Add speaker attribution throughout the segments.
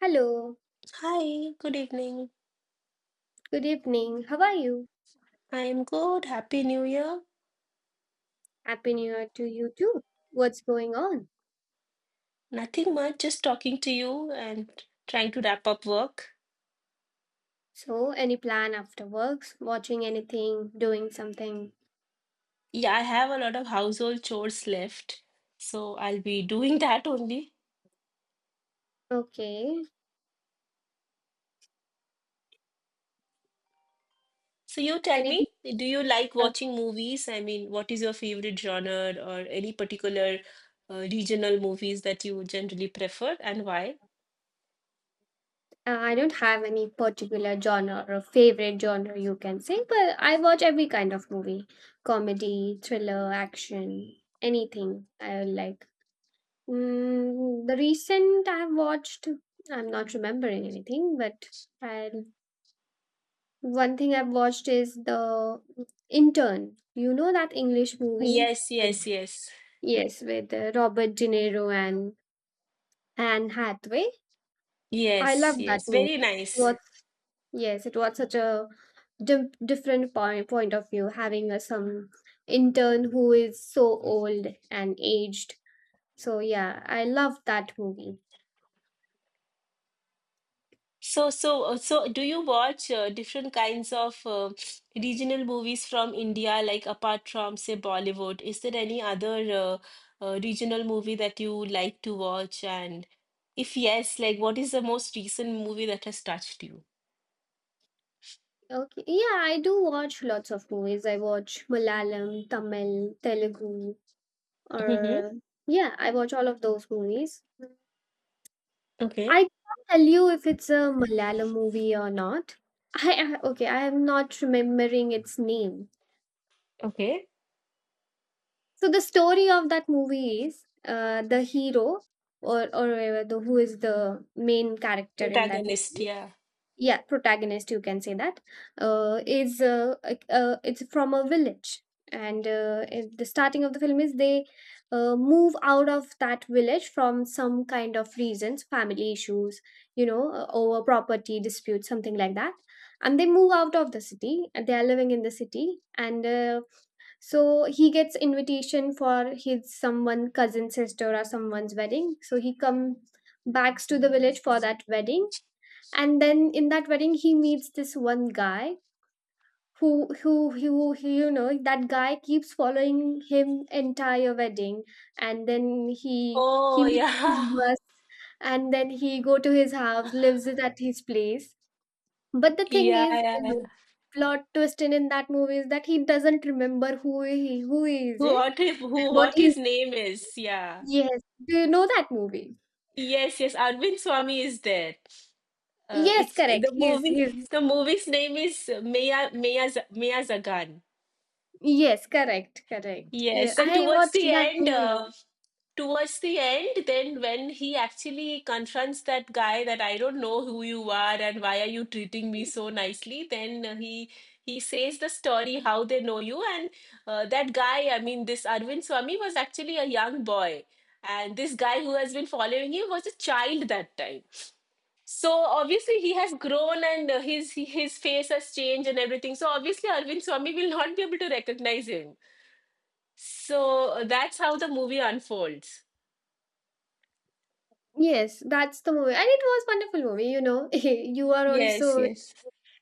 Speaker 1: Hello,
Speaker 2: Hi, good evening.
Speaker 1: good evening. How are you?
Speaker 2: I am good. Happy New Year.
Speaker 1: Happy New Year to you too. What's going on?
Speaker 2: Nothing much, just talking to you and trying to wrap up work.
Speaker 1: So, any plan after works? Watching anything? Doing something?
Speaker 2: Yeah, I have a lot of household chores left, so I'll be doing that only.
Speaker 1: Okay.
Speaker 2: So you tell
Speaker 1: Anything?
Speaker 2: me, do you like
Speaker 1: Uh,
Speaker 2: watching movies? I mean, what is your favorite genre or any particular regional movies that you generally prefer and why?
Speaker 1: I don't have any particular genre or favorite genre you can say, but I watch every kind of movie comedy, thriller, action, anything I like. The recent I've watched, I'm not remembering anything, but I One thing I've watched is the Intern. You know that English movie
Speaker 2: Yes,
Speaker 1: with
Speaker 2: yes, yes.
Speaker 1: yes, with Robert De Niro and Anne Hathaway. I
Speaker 2: Yes,
Speaker 1: love that
Speaker 2: yes. Very
Speaker 1: movie. It
Speaker 2: nice.
Speaker 1: was yes, it was such a different point of view having some intern who is so old and aged. So yeah, I love that movie.
Speaker 2: So, do you watch different kinds of regional movies from India, like apart from, say, Bollywood? Is there any other regional movie that you like to watch? And if yes, like, what is the most recent movie that has touched you?
Speaker 1: Okay, yeah, I do watch lots of movies. I watch Malayalam, Tamil, Telugu,
Speaker 2: Mm-hmm.
Speaker 1: or yeah, I watch all of those movies.
Speaker 2: Okay.
Speaker 1: I can't tell you if it's a Malayalam movie or not. Okay, I am not remembering its name.
Speaker 2: Okay.
Speaker 1: So the story of that movie is the hero or the who is the main character in that
Speaker 2: Protagonist,
Speaker 1: movie.
Speaker 2: yeah.
Speaker 1: Yeah, protagonist you can say that is like, it's from a village and the starting of the film is they move out of that village from some kind of reasons family issues you know over property disputes something like that, and they move out of the city and they are living in the city, and so he gets invitation for his someone cousin sister or someone's wedding, so he comes back to the village for that wedding, and then in that wedding he meets this one guy who, you know that guy keeps following him entire wedding, and then he
Speaker 2: Oh,
Speaker 1: misses his
Speaker 2: yeah.
Speaker 1: bus, and then he go to his house lives it at his place, but the thing
Speaker 2: Yeah,
Speaker 1: is
Speaker 2: yeah,
Speaker 1: you know,
Speaker 2: yeah.
Speaker 1: plot twist in that movie is that he doesn't remember who he is, eh?
Speaker 2: What if, who,
Speaker 1: What
Speaker 2: what
Speaker 1: he
Speaker 2: his name is? Yeah.
Speaker 1: yes, do you know that movie?
Speaker 2: Yes, yes. Arvind Swami is there.
Speaker 1: Yes,
Speaker 2: It's
Speaker 1: correct,
Speaker 2: the movie.
Speaker 1: he is.
Speaker 2: The movie's name is Maya Zagan.
Speaker 1: Yes, correct, yeah,
Speaker 2: Yes, and
Speaker 1: I watched that movie.
Speaker 2: towards the end, then when he actually confronts that guy that I don't know who you are and why are you treating me so nicely, then he says the story how they know you and that guy. I mean, this Arvind Swami was actually a young boy, and this guy who has been following him was a child that time. So obviously he has grown and his face has changed and everything. So obviously Arvind Swami will not be able to recognize him. So that's how the movie unfolds.
Speaker 1: Yes, that's the movie. And it was wonderful movie, you know. You are
Speaker 2: Yes,
Speaker 1: also
Speaker 2: yes.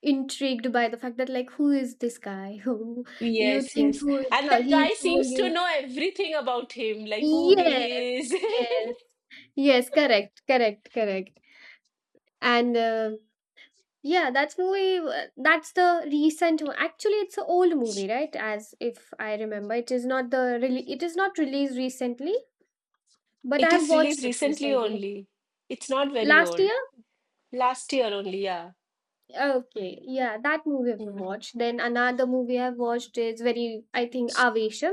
Speaker 1: intrigued by the fact that like who is this guy? Who you
Speaker 2: Yes,
Speaker 1: think
Speaker 2: yes.
Speaker 1: who is
Speaker 2: And that
Speaker 1: he is
Speaker 2: guy
Speaker 1: someone
Speaker 2: seems to
Speaker 1: great.
Speaker 2: know everything about him, like who
Speaker 1: Yes,
Speaker 2: he is.
Speaker 1: yes. Yes, correct. And yeah, that's the recent one. Actually, it's an old movie, right? As if I remember, it is not the really it is not released recently, but I
Speaker 2: It
Speaker 1: have
Speaker 2: is
Speaker 1: watched
Speaker 2: released
Speaker 1: it
Speaker 2: recently
Speaker 1: recently.
Speaker 2: only. It's not very
Speaker 1: Last year?
Speaker 2: old. Last year only, yeah.
Speaker 1: Okay, yeah, that movie I've
Speaker 2: Yeah.
Speaker 1: watched. Then another movie I've watched is very, I think, Avesham.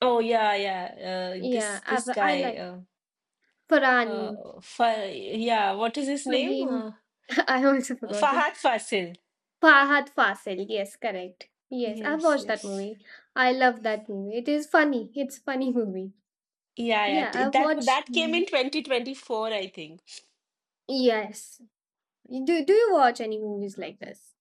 Speaker 2: Oh, yeah, yeah. Uh, this this
Speaker 1: I
Speaker 2: guy
Speaker 1: like
Speaker 2: uh,
Speaker 1: Farhan,
Speaker 2: uh, Fa- yeah, what is his name?
Speaker 1: Farheen. I also forgot it.
Speaker 2: Fahad Fasil.
Speaker 1: Fahad Fasil. Yes, correct. Yes, I've
Speaker 2: Yes,
Speaker 1: watched that
Speaker 2: yes.
Speaker 1: movie. I love that movie. It is funny. It's funny movie.
Speaker 2: Yeah, yeah.
Speaker 1: Yeah,
Speaker 2: T-
Speaker 1: I've
Speaker 2: That
Speaker 1: watched.
Speaker 2: that came in 2024, I think.
Speaker 1: Yes. Do you watch any movies like this?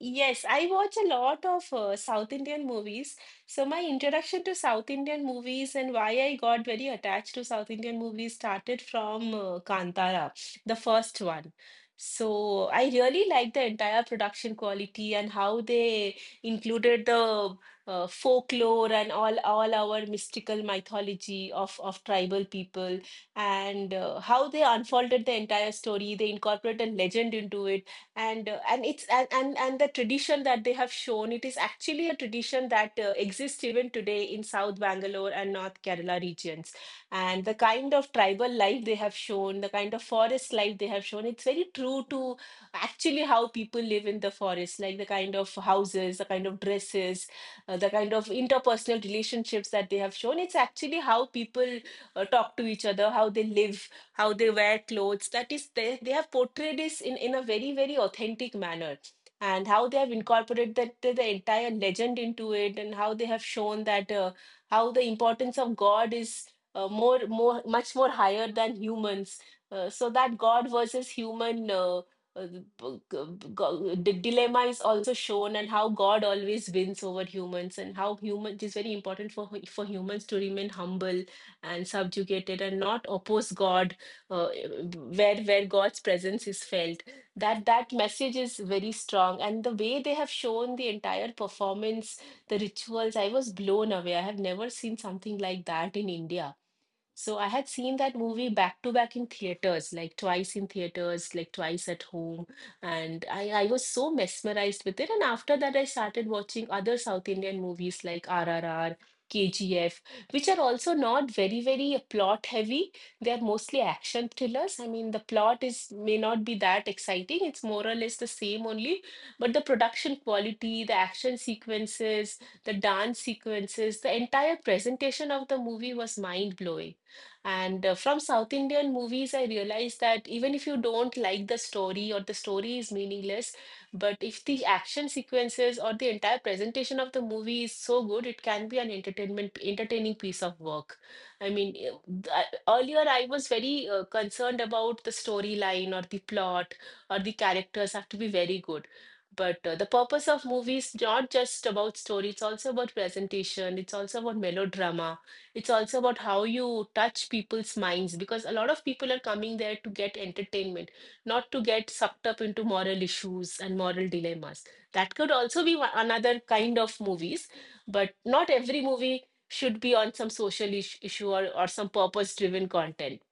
Speaker 2: Yes, I watch a lot of South Indian movies. So my introduction to South Indian movies and why I got very attached to South Indian movies started from Kantara, the first one. So I really liked the entire production quality and how they included the folklore and all our mystical mythology of tribal people and how they unfolded the entire story. They incorporated legend into it and and the tradition that they have shown, it is actually a tradition that exists even today in south Bangalore and north Kerala regions, and the kind of tribal life they have shown, the kind of forest life they have shown, it's very true to actually how people live in the forest, like the kind of houses, the kind of dresses, the kind of interpersonal relationships that they have shown, it's actually how people talk to each other, how they live, how they wear clothes. That is, they have portrayed this in a very, very authentic manner. And how they have incorporated that the entire legend into it, and how they have shown that how the importance of God is much more higher than humans. So that God versus human uh, b- g- b- the dilemma is also shown, and how God always wins over humans, and how human it is very important for for humans to remain humble and subjugated and not oppose God, uh, where God's presence is felt. That message is very strong, and the way they have shown the entire performance, the rituals, I was blown away. I have never seen something like that in India, so I had seen that movie back to back in theaters, like twice in theaters, like twice at home. And I was so mesmerized with it. And after that, I started watching other South Indian movies like RRR, KGF, which are also not very, very plot heavy. They are mostly action thrillers. I mean, the plot is may not be that exciting. It's more or less the same only, but the production quality, the action sequences, the dance sequences, the entire presentation of the movie was mind blowing. And from South Indian movies, I realized that even if you don't like the story or the story is meaningless, but if the action sequences or the entire presentation of the movie is so good, it can be an entertainment entertaining piece of work. I mean, earlier I was very concerned about the storyline or the plot or the characters have to be very good. But the purpose of movies not just about story, it's also about presentation, it's also about melodrama, it's also about how you touch people's minds, because a lot of people are coming there to get entertainment, not to get sucked up into moral issues and moral dilemmas. That could also be another kind of movies, but not every movie should be on some social issue or some purpose driven content.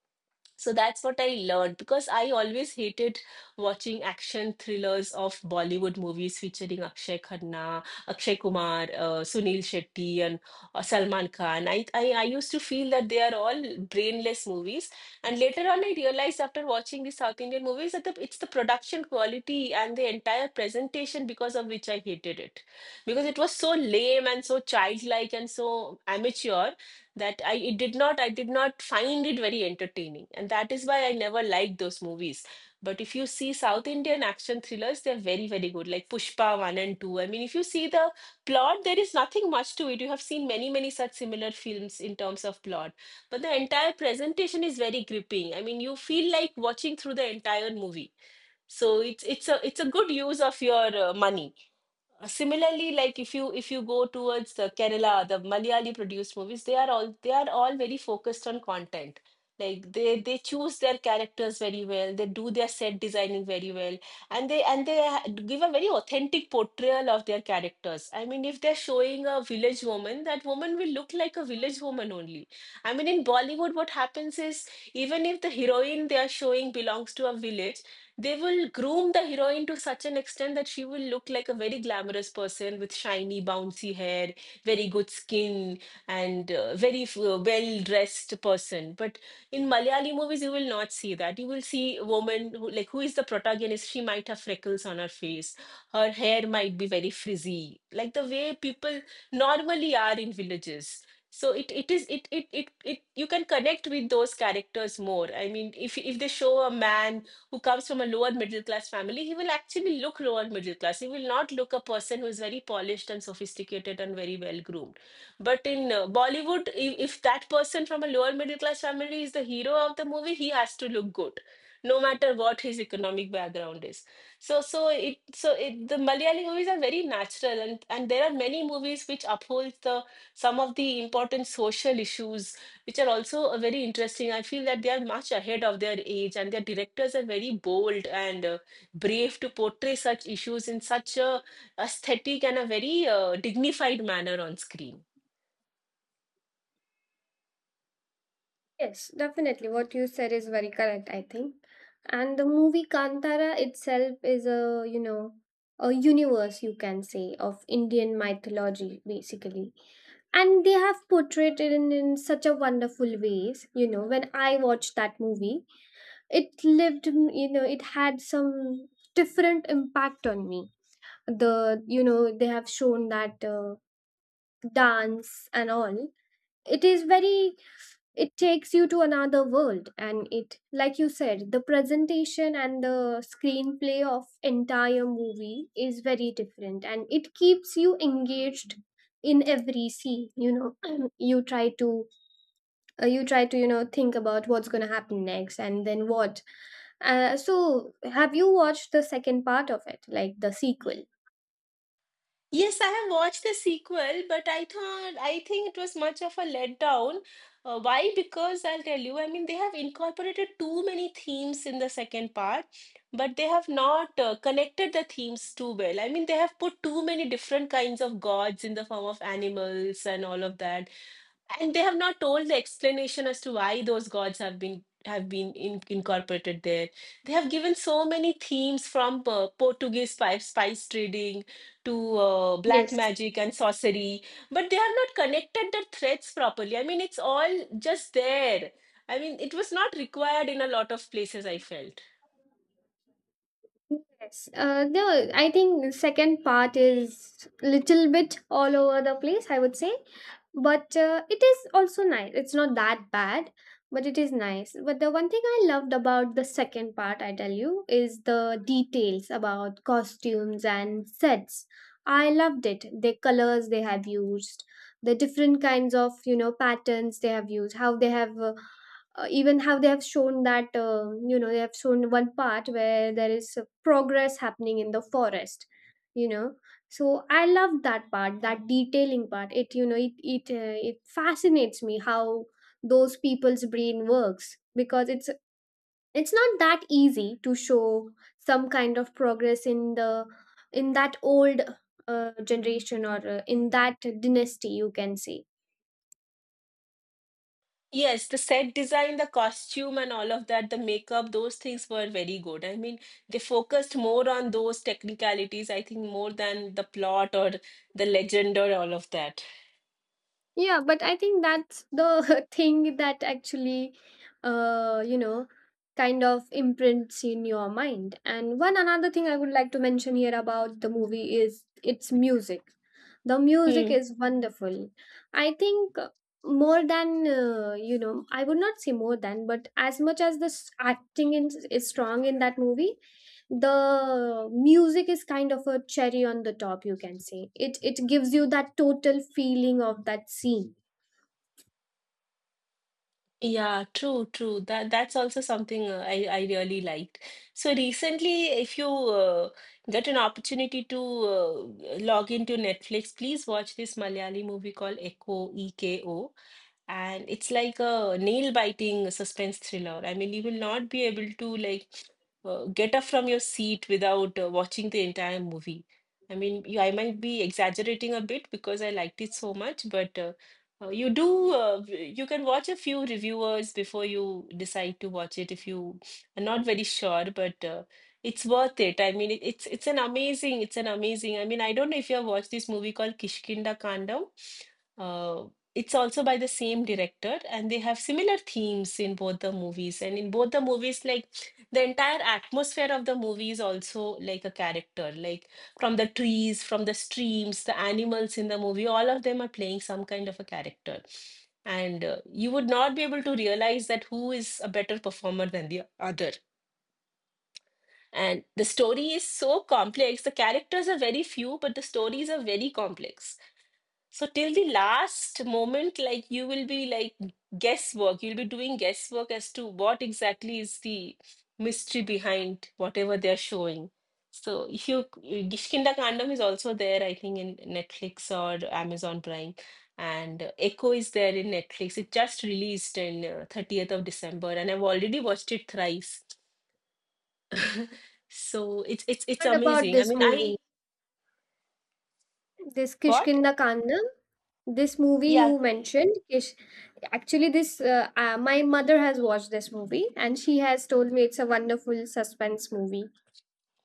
Speaker 2: So that's what I learned, because I always hated watching action thrillers of Bollywood movies featuring Akshay Khanna, Akshay Kumar, Sunil Shetty, and Salman Khan. I used to feel that they are all brainless movies. And later on, I realized after watching the South Indian movies that it's the production quality and the entire presentation because of which I hated it. Because it was so lame and so childlike and so amateur that I did not find it very entertaining, and that is why I never liked those movies. But if you see South Indian action thrillers, they're very very good, like Pushpa one and two. I mean, if you see the plot, there is nothing much to it. You have seen many many such similar films in terms of plot, but the entire presentation is very gripping. I mean, you feel like watching through the entire movie. So it's a good use of your money. Similarly, like if you go towards the Kerala, the Malayali produced movies, they are all very focused on content. Like they choose their characters very well, they do their set designing very well, and they give a very authentic portrayal of their characters. I mean, if they're showing a village woman, that woman will look like a village woman only. I mean, in Bollywood, what happens is, even if the heroine they are showing belongs to a village, they will groom the heroine to such an extent that she will look like a very glamorous person with shiny, bouncy hair, very good skin, and well-dressed person. But in Malayali movies, you will not see that. You will see a woman who, like, who is the protagonist? She might have freckles on her face. Her hair might be very frizzy, like the way people normally are in villages. So it is it it it it you can connect with those characters more. I mean, if they show a man who comes from a lower middle class family, he will actually look lower middle class. He will not look a person who is very polished and sophisticated and very well groomed. But in Bollywood, if that person from a lower middle class family is the hero of the movie, he has to look good, no matter what his economic background is. So, the Malayali movies are very natural, and there are many movies which uphold the some of the important social issues, which are also a very interesting. I feel that they are much ahead of their age, and their directors are very bold and brave to portray such issues in such a aesthetic and a very dignified manner on screen.
Speaker 1: Yes, definitely. What you said is very correct, I think. And the movie Kantara itself is a, you know, a universe, you can say, of Indian mythology, basically. And they have portrayed it in such a wonderful ways. You know, when I watched that movie, you know, it had some different impact on me. The, you know, they have shown that dance and all. It is very It takes you to another world, and it like you said the presentation and the screenplay of entire movie is very different, and it keeps you engaged in every scene, you know. You try to you know think about what's going to happen next, and then what so have you watched the second part of it, like the sequel?
Speaker 2: Yes, I have watched the sequel, but I think it was much of a letdown. Why? Because I'll tell you, I mean, they have incorporated too many themes in the second part, but they have not connected the themes too well. I mean, they have put too many different kinds of gods in the form of animals and all of that, and they have not told the explanation as to why those gods have incorporated there. They have given so many themes from Portuguese spice trading to black
Speaker 1: Yes,
Speaker 2: magic and sorcery, but they have not connected the threads properly. I mean, it's all just there. I mean, it was not required in a lot of places, I felt.
Speaker 1: yes. No. I think the second part is little bit all over the place, I would say, but it is also nice. It's not that bad, but it is nice. But the one thing I loved about the second part, I tell you, is the details about costumes and sets. I loved it. The colors they have used, the different kinds of you know patterns they have used, how they have even how they have shown that you know they have shown one part where there is progress happening in the forest, you know, so I love that part, that detailing part. It you know it it fascinates me how those people's brain works, because it's not that easy to show some kind of progress in the in that old generation or in that dynasty you can say.
Speaker 2: Yes, the set design, the costume, and all of that, the makeup, those things were very good. I mean, they focused more on those technicalities, I think, more than the plot or the legend or all of that.
Speaker 1: Yeah, but I think that's the thing that actually, you know, kind of imprints in your mind. And one another thing I would like to mention here about the movie is its music. The music
Speaker 2: Hmm.
Speaker 1: is wonderful. I think more than, you know, I would not say more than, but as much as the acting in, is strong in that movie, the music is kind of a cherry on the top, you can say. It gives you that total feeling of that scene.
Speaker 2: Yeah, true, true. That's also something I really liked. So recently, if you get an opportunity to log into Netflix, please watch this Malayali movie called Echo, EKO, and it's like a nail-biting suspense thriller. I mean, you will not be able to like get up from your seat without watching the entire movie. I mean, I might be exaggerating a bit because I liked it so much, but you do, you can watch a few reviewers before you decide to watch it if you are not very sure, but it's worth it. I mean, it's an amazing, it's an amazing. I mean, I don't know if you have watched this movie called Kishkinda Kandam. Uh, it's also by the same director, and they have similar themes in both the movies. And in both the movies, like the entire atmosphere of the movie is also like a character. Like from the trees, from the streams, the animals in the movie, all of them are playing some kind of a character. And you would not be able to realize that who is a better performer than the other. And the story is so complex. The characters are very few, but the stories are very complex, so till the last moment, like you will be like guesswork. You'll be doing guesswork as to what exactly is the mystery behind whatever they're showing. So if you Kishkinda Kandam is also there, I think in Netflix or Amazon Prime, and Echo is there in Netflix. It just released in 30th of December, and I've already watched it thrice. So it's
Speaker 1: Heard about
Speaker 2: amazing. I
Speaker 1: this
Speaker 2: mean,
Speaker 1: movie,
Speaker 2: I
Speaker 1: this
Speaker 2: what?
Speaker 1: Kishkinda Kandam. This movie
Speaker 2: Yeah.
Speaker 1: you mentioned, Kish, actually, this my mother has watched this movie and she has told me it's a wonderful suspense movie.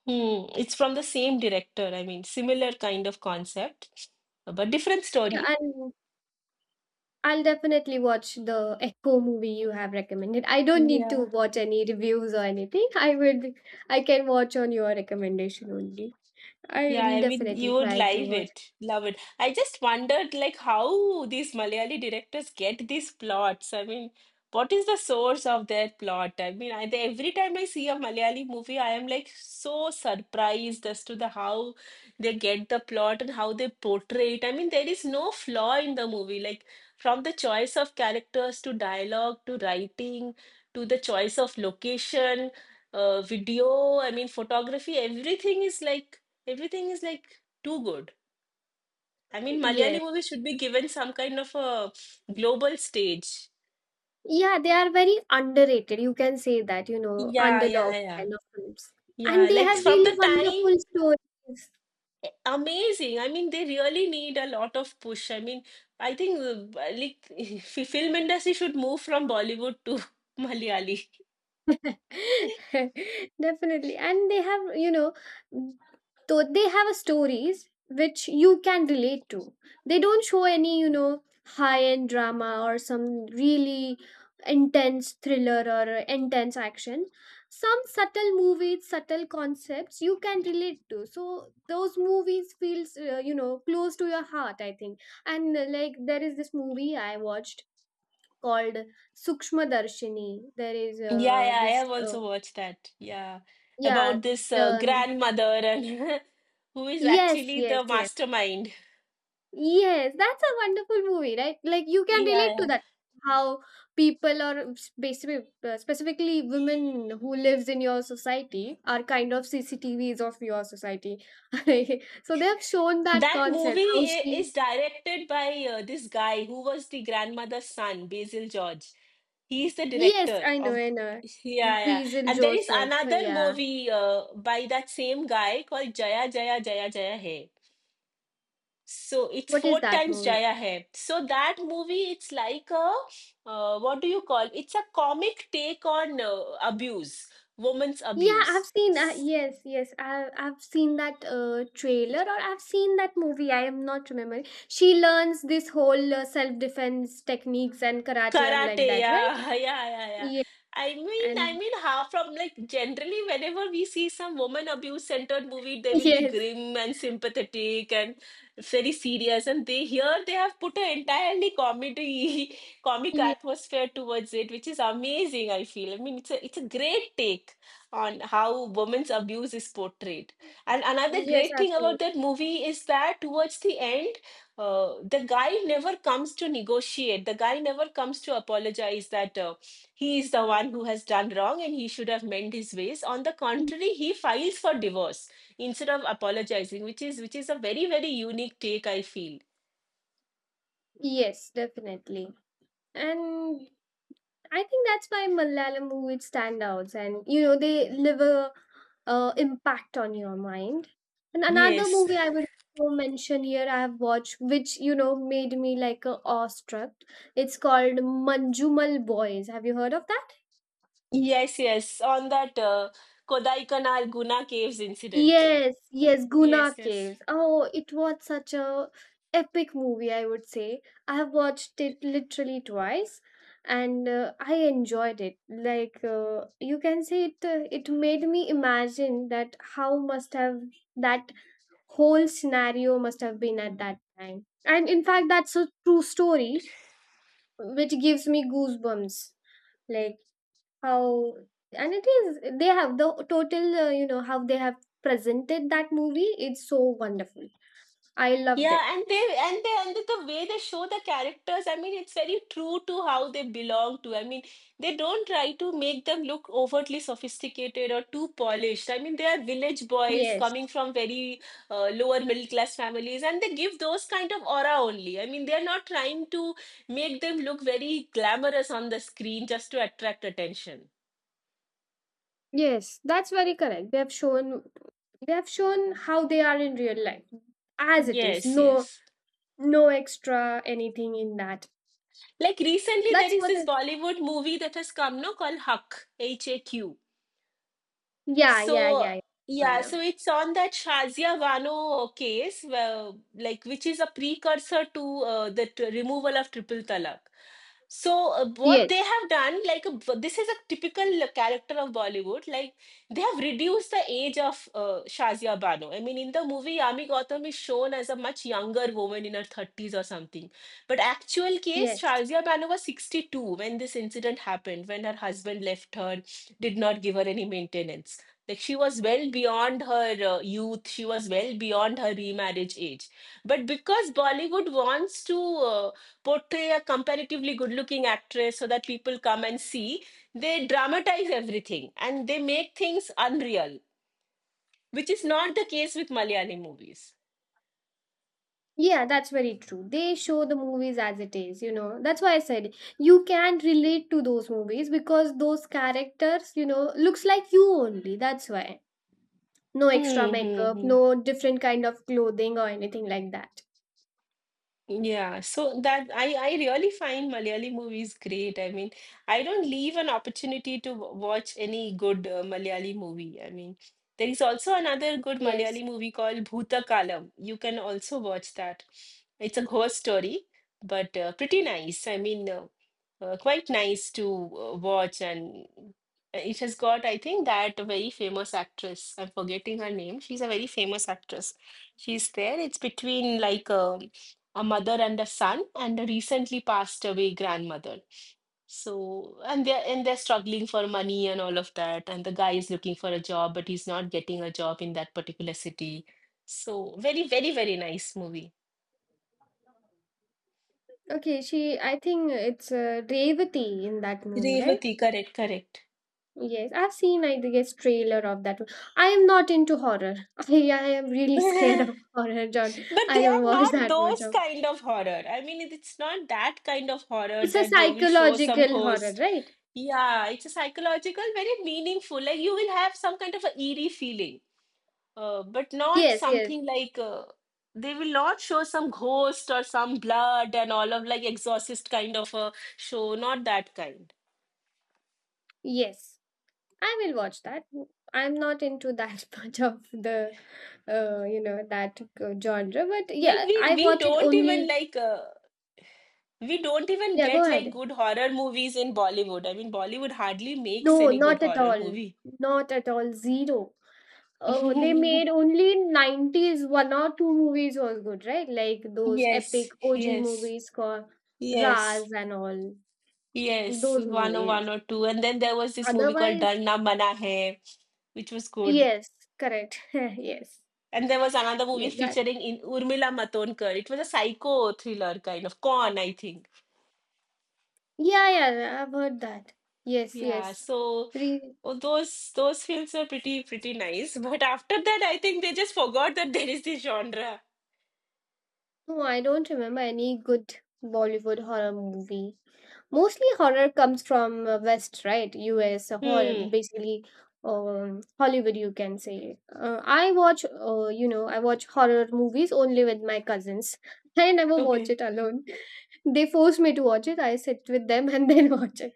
Speaker 2: Hmm, it's from the same director. I mean, similar kind of concept, but different
Speaker 1: Yeah,
Speaker 2: story.
Speaker 1: and I'll definitely watch the Echo movie you have recommended. I don't need to
Speaker 2: Yeah.
Speaker 1: watch any reviews or anything. I would, I can watch on your recommendation only. I
Speaker 2: Yeah,
Speaker 1: will
Speaker 2: I mean,
Speaker 1: definitely
Speaker 2: you would
Speaker 1: try to
Speaker 2: live
Speaker 1: watch.
Speaker 2: it, love it. I just wondered, like, how these Malayali directors get these plots. I mean, what is the source of their plot? Every time I see a Malayali movie, I am like so surprised as to the how they get the plot and how they portray it. I mean, there is no flaw in the movie, like from the choice of characters to dialogue to writing to the choice of location, video. I mean, photography. Everything is like everything is like too good. I mean,
Speaker 1: Yeah.
Speaker 2: Malayali movies should be given some kind of a global stage.
Speaker 1: Yeah, they are very underrated. You can say that, you know,
Speaker 2: Yeah, yeah,
Speaker 1: underdogs
Speaker 2: yeah.
Speaker 1: kind of films. And
Speaker 2: Yeah,
Speaker 1: they
Speaker 2: like
Speaker 1: have
Speaker 2: from
Speaker 1: really
Speaker 2: the time,
Speaker 1: wonderful stories.
Speaker 2: eh, amazing. I mean, they really need a lot of push. I mean, I think like film industry should move from Bollywood to Malayali.
Speaker 1: Definitely. And they have, you know, though they have a stories which you can relate to. They don't show any, you know, high-end drama or some really intense thriller or intense action. Some subtle movies, subtle concepts you can relate to. So those movies feels, you know, close to your heart, I think. And like there is this movie I watched called Sukshma Darshini. There is
Speaker 2: Yeah, yeah, I
Speaker 1: this
Speaker 2: have also watched that. Yeah,
Speaker 1: yeah,
Speaker 2: about this
Speaker 1: the
Speaker 2: grandmother and who is
Speaker 1: yes,
Speaker 2: actually
Speaker 1: yes,
Speaker 2: the
Speaker 1: yes.
Speaker 2: mastermind.
Speaker 1: Yes, that's a wonderful movie, right? Like you can
Speaker 2: Yeah,
Speaker 1: relate to
Speaker 2: yeah.
Speaker 1: that. How people or basically specifically women who lives in your society are kind of CCTVs of your society. So they have shown that
Speaker 2: That
Speaker 1: concept. How
Speaker 2: movie i-
Speaker 1: she
Speaker 2: is directed by this guy who was the grandmother's son, Basil George. He's the
Speaker 1: Yes,
Speaker 2: director
Speaker 1: I know,
Speaker 2: of.
Speaker 1: I know.
Speaker 2: Yeah, yeah.
Speaker 1: Basil
Speaker 2: And there is
Speaker 1: Joseph.
Speaker 2: another
Speaker 1: Yeah.
Speaker 2: movie by that same guy called Jaya Jaya Jaya Jaya Hai. So it's
Speaker 1: What is
Speaker 2: four
Speaker 1: that
Speaker 2: times
Speaker 1: movie?
Speaker 2: Jaya Hai. So that movie, it's like a what do you call? It's a comic take on abuse, women's
Speaker 1: Yeah, I've
Speaker 2: abuse.
Speaker 1: seen. Yes, yes, I've seen that trailer, or I've seen that movie. I am not remembering. She learns this whole self defense techniques and karate and like
Speaker 2: Karate,
Speaker 1: that, right?
Speaker 2: yeah, yeah, yeah, yeah.
Speaker 1: Yeah,
Speaker 2: I mean, I
Speaker 1: and
Speaker 2: mean, how from like generally, whenever we see some woman abuse centered movie, they will be
Speaker 1: yes,
Speaker 2: grim and sympathetic and very serious. And they here they have put an entirely comedy, comic
Speaker 1: yes,
Speaker 2: atmosphere towards it, which is amazing. I feel. I mean, it's a great take on how women's abuse is portrayed. And another
Speaker 1: yes,
Speaker 2: great
Speaker 1: I've
Speaker 2: thing
Speaker 1: seen.
Speaker 2: about that movie is that towards the end the guy never comes to negotiate. The guy never comes to apologize that he is the one who has done wrong and he should have mend his ways. On the contrary, he files for divorce instead of apologizing, which is a very, very unique take. I feel.
Speaker 1: Yes, definitely. And I think that's why Malayalam movies stand out, and you know they leave a impact on your mind. And another
Speaker 2: Yes.
Speaker 1: movie I would also mention here I have watched, which you know made me like a awestruck. It's called Manjumal Boys. Have you heard of that?
Speaker 2: Yes, yes. On that Kodaikanal Guna Caves incident.
Speaker 1: Yes, yes, Guna
Speaker 2: Yes, yes.
Speaker 1: Caves. Oh, it was such a epic movie, I would say. I have watched it literally twice, and I enjoyed it. Like you can say, it made me imagine that how must have that whole scenario must have been at that time. And in fact, that's a true story, which gives me goosebumps. Like how, and it is they have the total you know how they have presented that movie, it's so wonderful, I loved
Speaker 2: Yeah,
Speaker 1: it.
Speaker 2: and they and the way they show the characters, I mean, it's very true to how they belong to. I mean, they don't try to make them look overtly sophisticated or too polished. I mean, they are village boys
Speaker 1: Yes,
Speaker 2: coming from very lower middle class families, and they give those kind of aura only. I mean, they are not trying to make them look very glamorous on the screen just to attract attention.
Speaker 1: yes, that's very correct. They have shown how they are in real life as it is,
Speaker 2: Yes,
Speaker 1: no
Speaker 2: yes.
Speaker 1: no extra anything in that.
Speaker 2: Like recently, there
Speaker 1: that's
Speaker 2: is
Speaker 1: what I,
Speaker 2: this Bollywood movie that has come, no, called Huck, HAQ.
Speaker 1: yeah, yeah,
Speaker 2: So
Speaker 1: yeah, yeah, I
Speaker 2: yeah,
Speaker 1: know.
Speaker 2: so it's on that Shazia Bano case, well, like which is a precursor to the removal of triple talaq. So what they
Speaker 1: Yes,
Speaker 2: have done, this is a typical character of Bollywood, like they have reduced the age of Shazia Bano. I mean, in the movie, Yami Gautam is shown as a much younger woman in her 30s or something. But actual case,
Speaker 1: yes.
Speaker 2: Shazia Bano was 62 when this incident happened, when her husband left her, did not give her any maintenance. Like she was well beyond her youth, she was well beyond her remarriage age. But because Bollywood wants to uh, portray a comparatively good looking actress so that people come and see, they dramatize everything and they make things unreal, which is not the case with Malayali movies.
Speaker 1: Yeah, that's very true. They show the movies as it is, you know. That's why I said you can relate to those movies because those characters, you know, looks like you only. That's why. No extra
Speaker 2: Hmm. Hmm.
Speaker 1: makeup,
Speaker 2: Hmm.
Speaker 1: no different kind of clothing or anything like that.
Speaker 2: Yeah, so that I really find Malayali movies great. I mean, I don't leave an opportunity to watch any good Malayali movie. I mean, there is also another good
Speaker 1: Yes.
Speaker 2: Malayali movie called Bhutakalam. You can also watch that. It's a ghost story, but pretty nice. Quite nice to watch, and it has got, I think, that very famous actress. I'm forgetting her name. She's a very famous actress. She's there. It's between like a mother and a son, and a recently passed away grandmother. So, and they're struggling for money and all of that. And the guy is looking for a job, but he's not getting a job in that particular city. So, very, very, very nice movie.
Speaker 1: Okay, she I think it's Revati in that movie, right?
Speaker 2: Revati, correct, correct.
Speaker 1: Yes, I've seen I guess trailer of that one. I am not into horror. I am really scared of horror, John.
Speaker 2: But
Speaker 1: I
Speaker 2: they
Speaker 1: don't
Speaker 2: are
Speaker 1: watch
Speaker 2: not
Speaker 1: that much
Speaker 2: those
Speaker 1: of.
Speaker 2: kind of horror. I mean, it's not that kind of horror
Speaker 1: It's a
Speaker 2: that they will show some
Speaker 1: psychological horror,
Speaker 2: ghost.
Speaker 1: right?
Speaker 2: Yeah, it's a psychological, very meaningful. Like you will have some kind of a eerie feeling. But not
Speaker 1: Yes, yes,
Speaker 2: something like they will not show some ghost or some blood and all of like exorcist kind of a show not that kind
Speaker 1: yes. I will watch that. I'm not into that much of you know, genre, but
Speaker 2: like
Speaker 1: yeah,
Speaker 2: we
Speaker 1: I
Speaker 2: we
Speaker 1: watch it
Speaker 2: don't even
Speaker 1: only.
Speaker 2: like we don't even
Speaker 1: Yeah, go
Speaker 2: get like
Speaker 1: ahead.
Speaker 2: good horror movies in Bollywood. I mean, Bollywood hardly makes
Speaker 1: No,
Speaker 2: any good
Speaker 1: not at
Speaker 2: horror
Speaker 1: all.
Speaker 2: movie.
Speaker 1: Not at all. Zero. They made only in 90s one or two movies was good, right? Like those epic
Speaker 2: Yes,
Speaker 1: OG
Speaker 2: yes,
Speaker 1: movies called
Speaker 2: yes,
Speaker 1: Raz and all.
Speaker 2: yes,
Speaker 1: Those
Speaker 2: one or
Speaker 1: movies.
Speaker 2: two and then there was this movie called
Speaker 1: Otherwise,
Speaker 2: Darna Mana Hai, which was good.
Speaker 1: yes, correct. Yes.
Speaker 2: And there was another
Speaker 1: Yeah,
Speaker 2: movie
Speaker 1: that
Speaker 2: featuring in Urmila Matondkar. It was a psycho thriller kind of con, I think.
Speaker 1: Yeah, yeah, yeah, I've heard that. Yes,
Speaker 2: Yeah,
Speaker 1: yes.
Speaker 2: so
Speaker 1: Re-
Speaker 2: oh, those films are pretty pretty nice. But after that, I think they just forgot that there is this genre.
Speaker 1: no, I don't remember any good Bollywood horror movie. Mostly horror comes from West, right? US horror,
Speaker 2: Hmm.
Speaker 1: basically Hollywood, you can say. I watch, I watch horror movies only with my cousins. I never watch
Speaker 2: Okay.
Speaker 1: it alone. They force me to watch it. I sit with them and then watch it.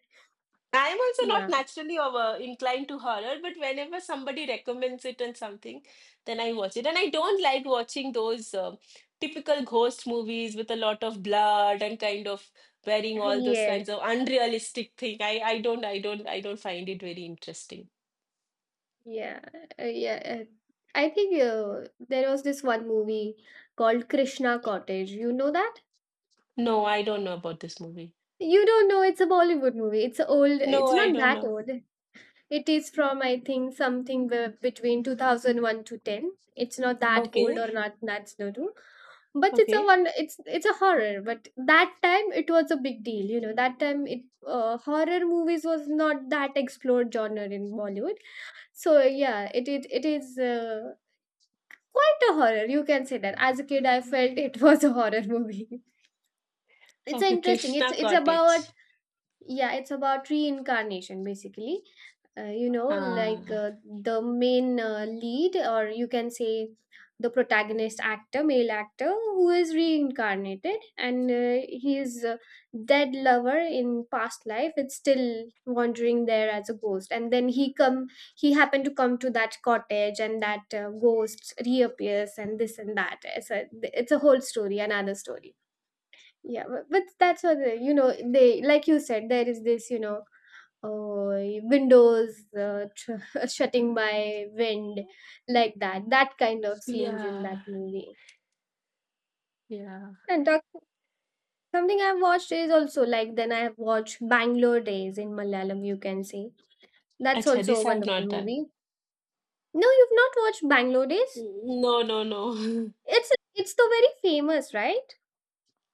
Speaker 2: I'm also not
Speaker 1: Yeah.
Speaker 2: naturally over inclined to horror, but whenever somebody recommends it and something, then I watch it. And I don't like watching those typical ghost movies with a lot of blood and kind of wearing all those kinds
Speaker 1: Yes.
Speaker 2: of unrealistic thing. I don't find it very interesting.
Speaker 1: Yeah, yeah. I think there was this one movie called Krishna Cottage. You know that?
Speaker 2: No, I don't know about this movie.
Speaker 1: You don't know. It's a Bollywood movie. It's a old. It's
Speaker 2: No, I
Speaker 1: not
Speaker 2: don't
Speaker 1: that
Speaker 2: know.
Speaker 1: old. It is from I think something between 2001 to ten. It's not that old
Speaker 2: Okay,
Speaker 1: or not that's no do. But it's a
Speaker 2: okay,
Speaker 1: one. It's a horror. But that time it was a big deal. You know that time it horror movies was not that explored genre in Bollywood. So yeah, it is. Quite a horror, you can say that. As a kid, I felt it was a horror movie. It's
Speaker 2: okay.
Speaker 1: interesting. It's
Speaker 2: Krishna
Speaker 1: it's about
Speaker 2: Cottage.
Speaker 1: yeah, it's about reincarnation basically. Like
Speaker 2: Ah,
Speaker 1: the main lead, or you can say the protagonist actor, male actor, who is reincarnated and his dead lover in past life is still wandering there as a ghost. And then he come, he happened to come to that cottage, and that ghost reappears, and this and that. It's a whole story, another story. Yeah, but that's what they, they, like you said, there is this, windows shutting by wind, that kind of scenes in that
Speaker 2: yeah,
Speaker 1: movie.
Speaker 2: yeah.
Speaker 1: And doc- something I've watched is also like, then I've watched Bangalore Days in Malayalam, you can say. That's
Speaker 2: Acha,
Speaker 1: also
Speaker 2: this
Speaker 1: a
Speaker 2: I've
Speaker 1: wonderful
Speaker 2: not done.
Speaker 1: movie. No, you've not watched Bangalore Days?
Speaker 2: No, no, no.
Speaker 1: It's the very famous, right?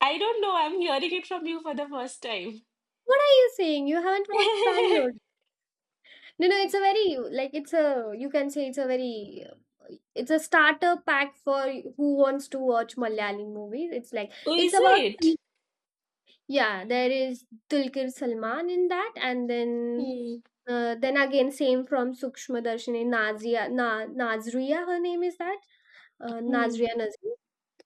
Speaker 2: I don't know. I'm hearing it from you for the first time.
Speaker 1: What are you saying? You haven't watched Bangalore? No, no, it's a very like it's a you can say it's a very it's a starter pack for who wants to watch Malayalam movies. It's like
Speaker 2: Oh,
Speaker 1: it's
Speaker 2: is
Speaker 1: about three.
Speaker 2: it?
Speaker 1: Yeah, there is Dulquer Salman in that, and
Speaker 2: Hmm.
Speaker 1: then again same from Sukshma Darshini Nazia Na Nazria. Her name is that
Speaker 2: Hmm.
Speaker 1: Nazria Nazim.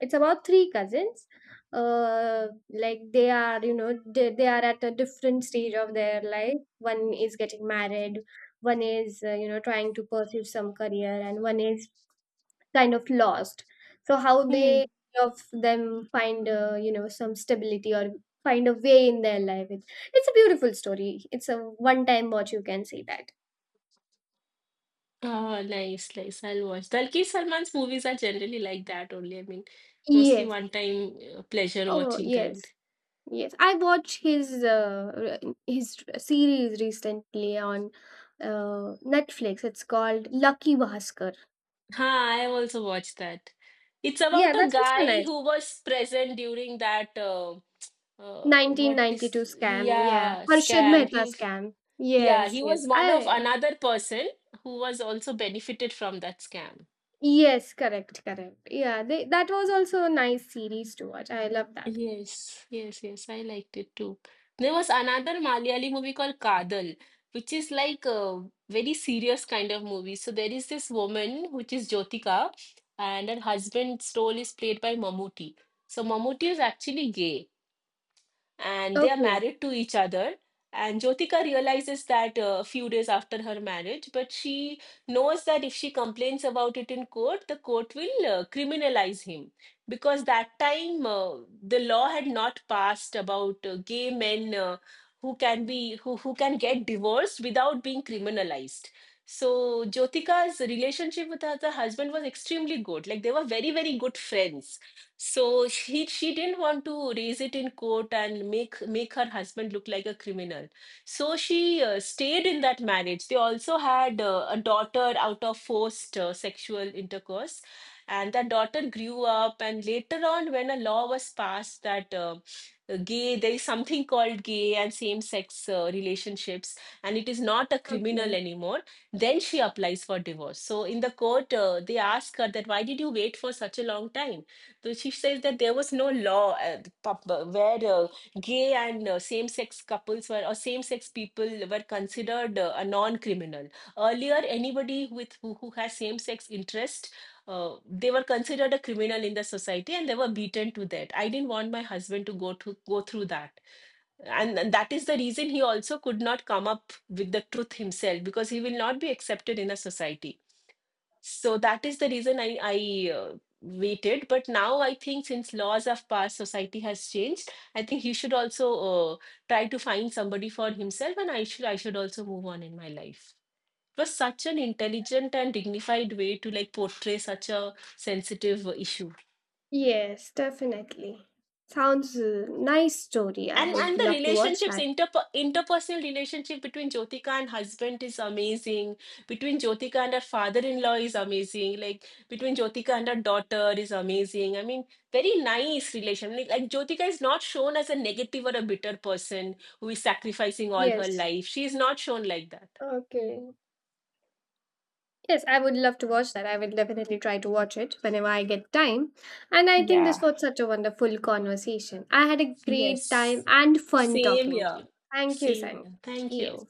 Speaker 1: It's about three cousins. Like they are, they are at a different stage of their life. One is getting married, one is, trying to pursue some career, and one is kind of lost. So how they
Speaker 2: Hmm.
Speaker 1: of them find, some stability or find a way in their life. It's a beautiful story. It's a one-time watch. You can say that.
Speaker 2: Oh, nice, nice. I'll watch. Dalki Salman's movies are generally like that only. I mean, mostly
Speaker 1: Yes.
Speaker 2: one-time pleasure
Speaker 1: Oh
Speaker 2: watching kind.
Speaker 1: yes. Yes, I watched his his series recently on Netflix. It's called Lucky Bhaskar.
Speaker 2: Huh, I have also watched that. It's
Speaker 1: Yeah,
Speaker 2: about a
Speaker 1: that's also
Speaker 2: guy
Speaker 1: nice.
Speaker 2: who was present during that uh, what is
Speaker 1: 1992 scam. Yeah,
Speaker 2: yeah
Speaker 1: Harshad
Speaker 2: scam.
Speaker 1: Mehta
Speaker 2: He
Speaker 1: scam.
Speaker 2: yeah
Speaker 1: Yes,
Speaker 2: he
Speaker 1: yes.
Speaker 2: was one of
Speaker 1: I
Speaker 2: another person who was also benefited from that scam.
Speaker 1: yes, correct, correct. Yeah, they, that was also a nice series to watch. I love that.
Speaker 2: Yes, yes, yes. I liked it too. There was another Malayali movie called Kadal, which is like a very serious kind of movie. So there is this woman, which is Jyotika, and her husband's role is played by Mammootty. So Mammootty is actually gay and they are
Speaker 1: Okay,
Speaker 2: married to each other. And Jyotika realizes that a few days after her marriage, but she knows that if she complains about it in court, the court will criminalize him because that time the law had not passed about gay men who can get divorced without being criminalized. So Jyotika's relationship with her husband was extremely good. Like they were very, very good friends, so she didn't want to raise it in court and make her husband look like a criminal. So she stayed in that marriage. They also had a daughter out of forced sexual intercourse, and that daughter grew up. And later on, when a law was passed that there is something called gay and same-sex relationships, and it is not a criminal
Speaker 1: okay.
Speaker 2: anymore. Then she applies for divorce. So in the court, they ask her that why did you wait for such a long time? So she says that there was no law at the where gay and same-sex couples were or same-sex people were considered a non-criminal. Earlier, anybody with who has same-sex interest, they were considered a criminal in the society, and they were beaten to that. I didn't want my husband to go through that, and that is the reason he also could not come up with the truth himself because he will not be accepted in a society, so that is the reason I waited. But now I think since laws have passed, society has changed. I think he should also try to find somebody for himself, and I should also move on in my life. It was such an intelligent and dignified way to like portray such a sensitive issue.
Speaker 1: Yes, definitely. Sounds a nice story. I
Speaker 2: and
Speaker 1: would
Speaker 2: and the
Speaker 1: love to watch
Speaker 2: relationships
Speaker 1: that.
Speaker 2: inter interpersonal relationship between Jyotika and husband is amazing, between Jyotika and her father-in-law is amazing, like between Jyotika and her daughter is amazing. I mean, very nice relation, like Jyotika is not shown as a negative or a bitter person who is sacrificing all her
Speaker 1: Yes.
Speaker 2: life. She is not shown like that.
Speaker 1: Okay. Yes, I would love to watch that. I will definitely try to watch it whenever I get time. And I think this
Speaker 2: Yeah.
Speaker 1: was such a wonderful conversation. I had a
Speaker 2: Yes.
Speaker 1: great time
Speaker 2: Yes,
Speaker 1: and fun
Speaker 2: same
Speaker 1: talking to
Speaker 2: here.
Speaker 1: you. Thank you,
Speaker 2: Same
Speaker 1: Simon.
Speaker 2: here, thank
Speaker 1: Yes.
Speaker 2: you.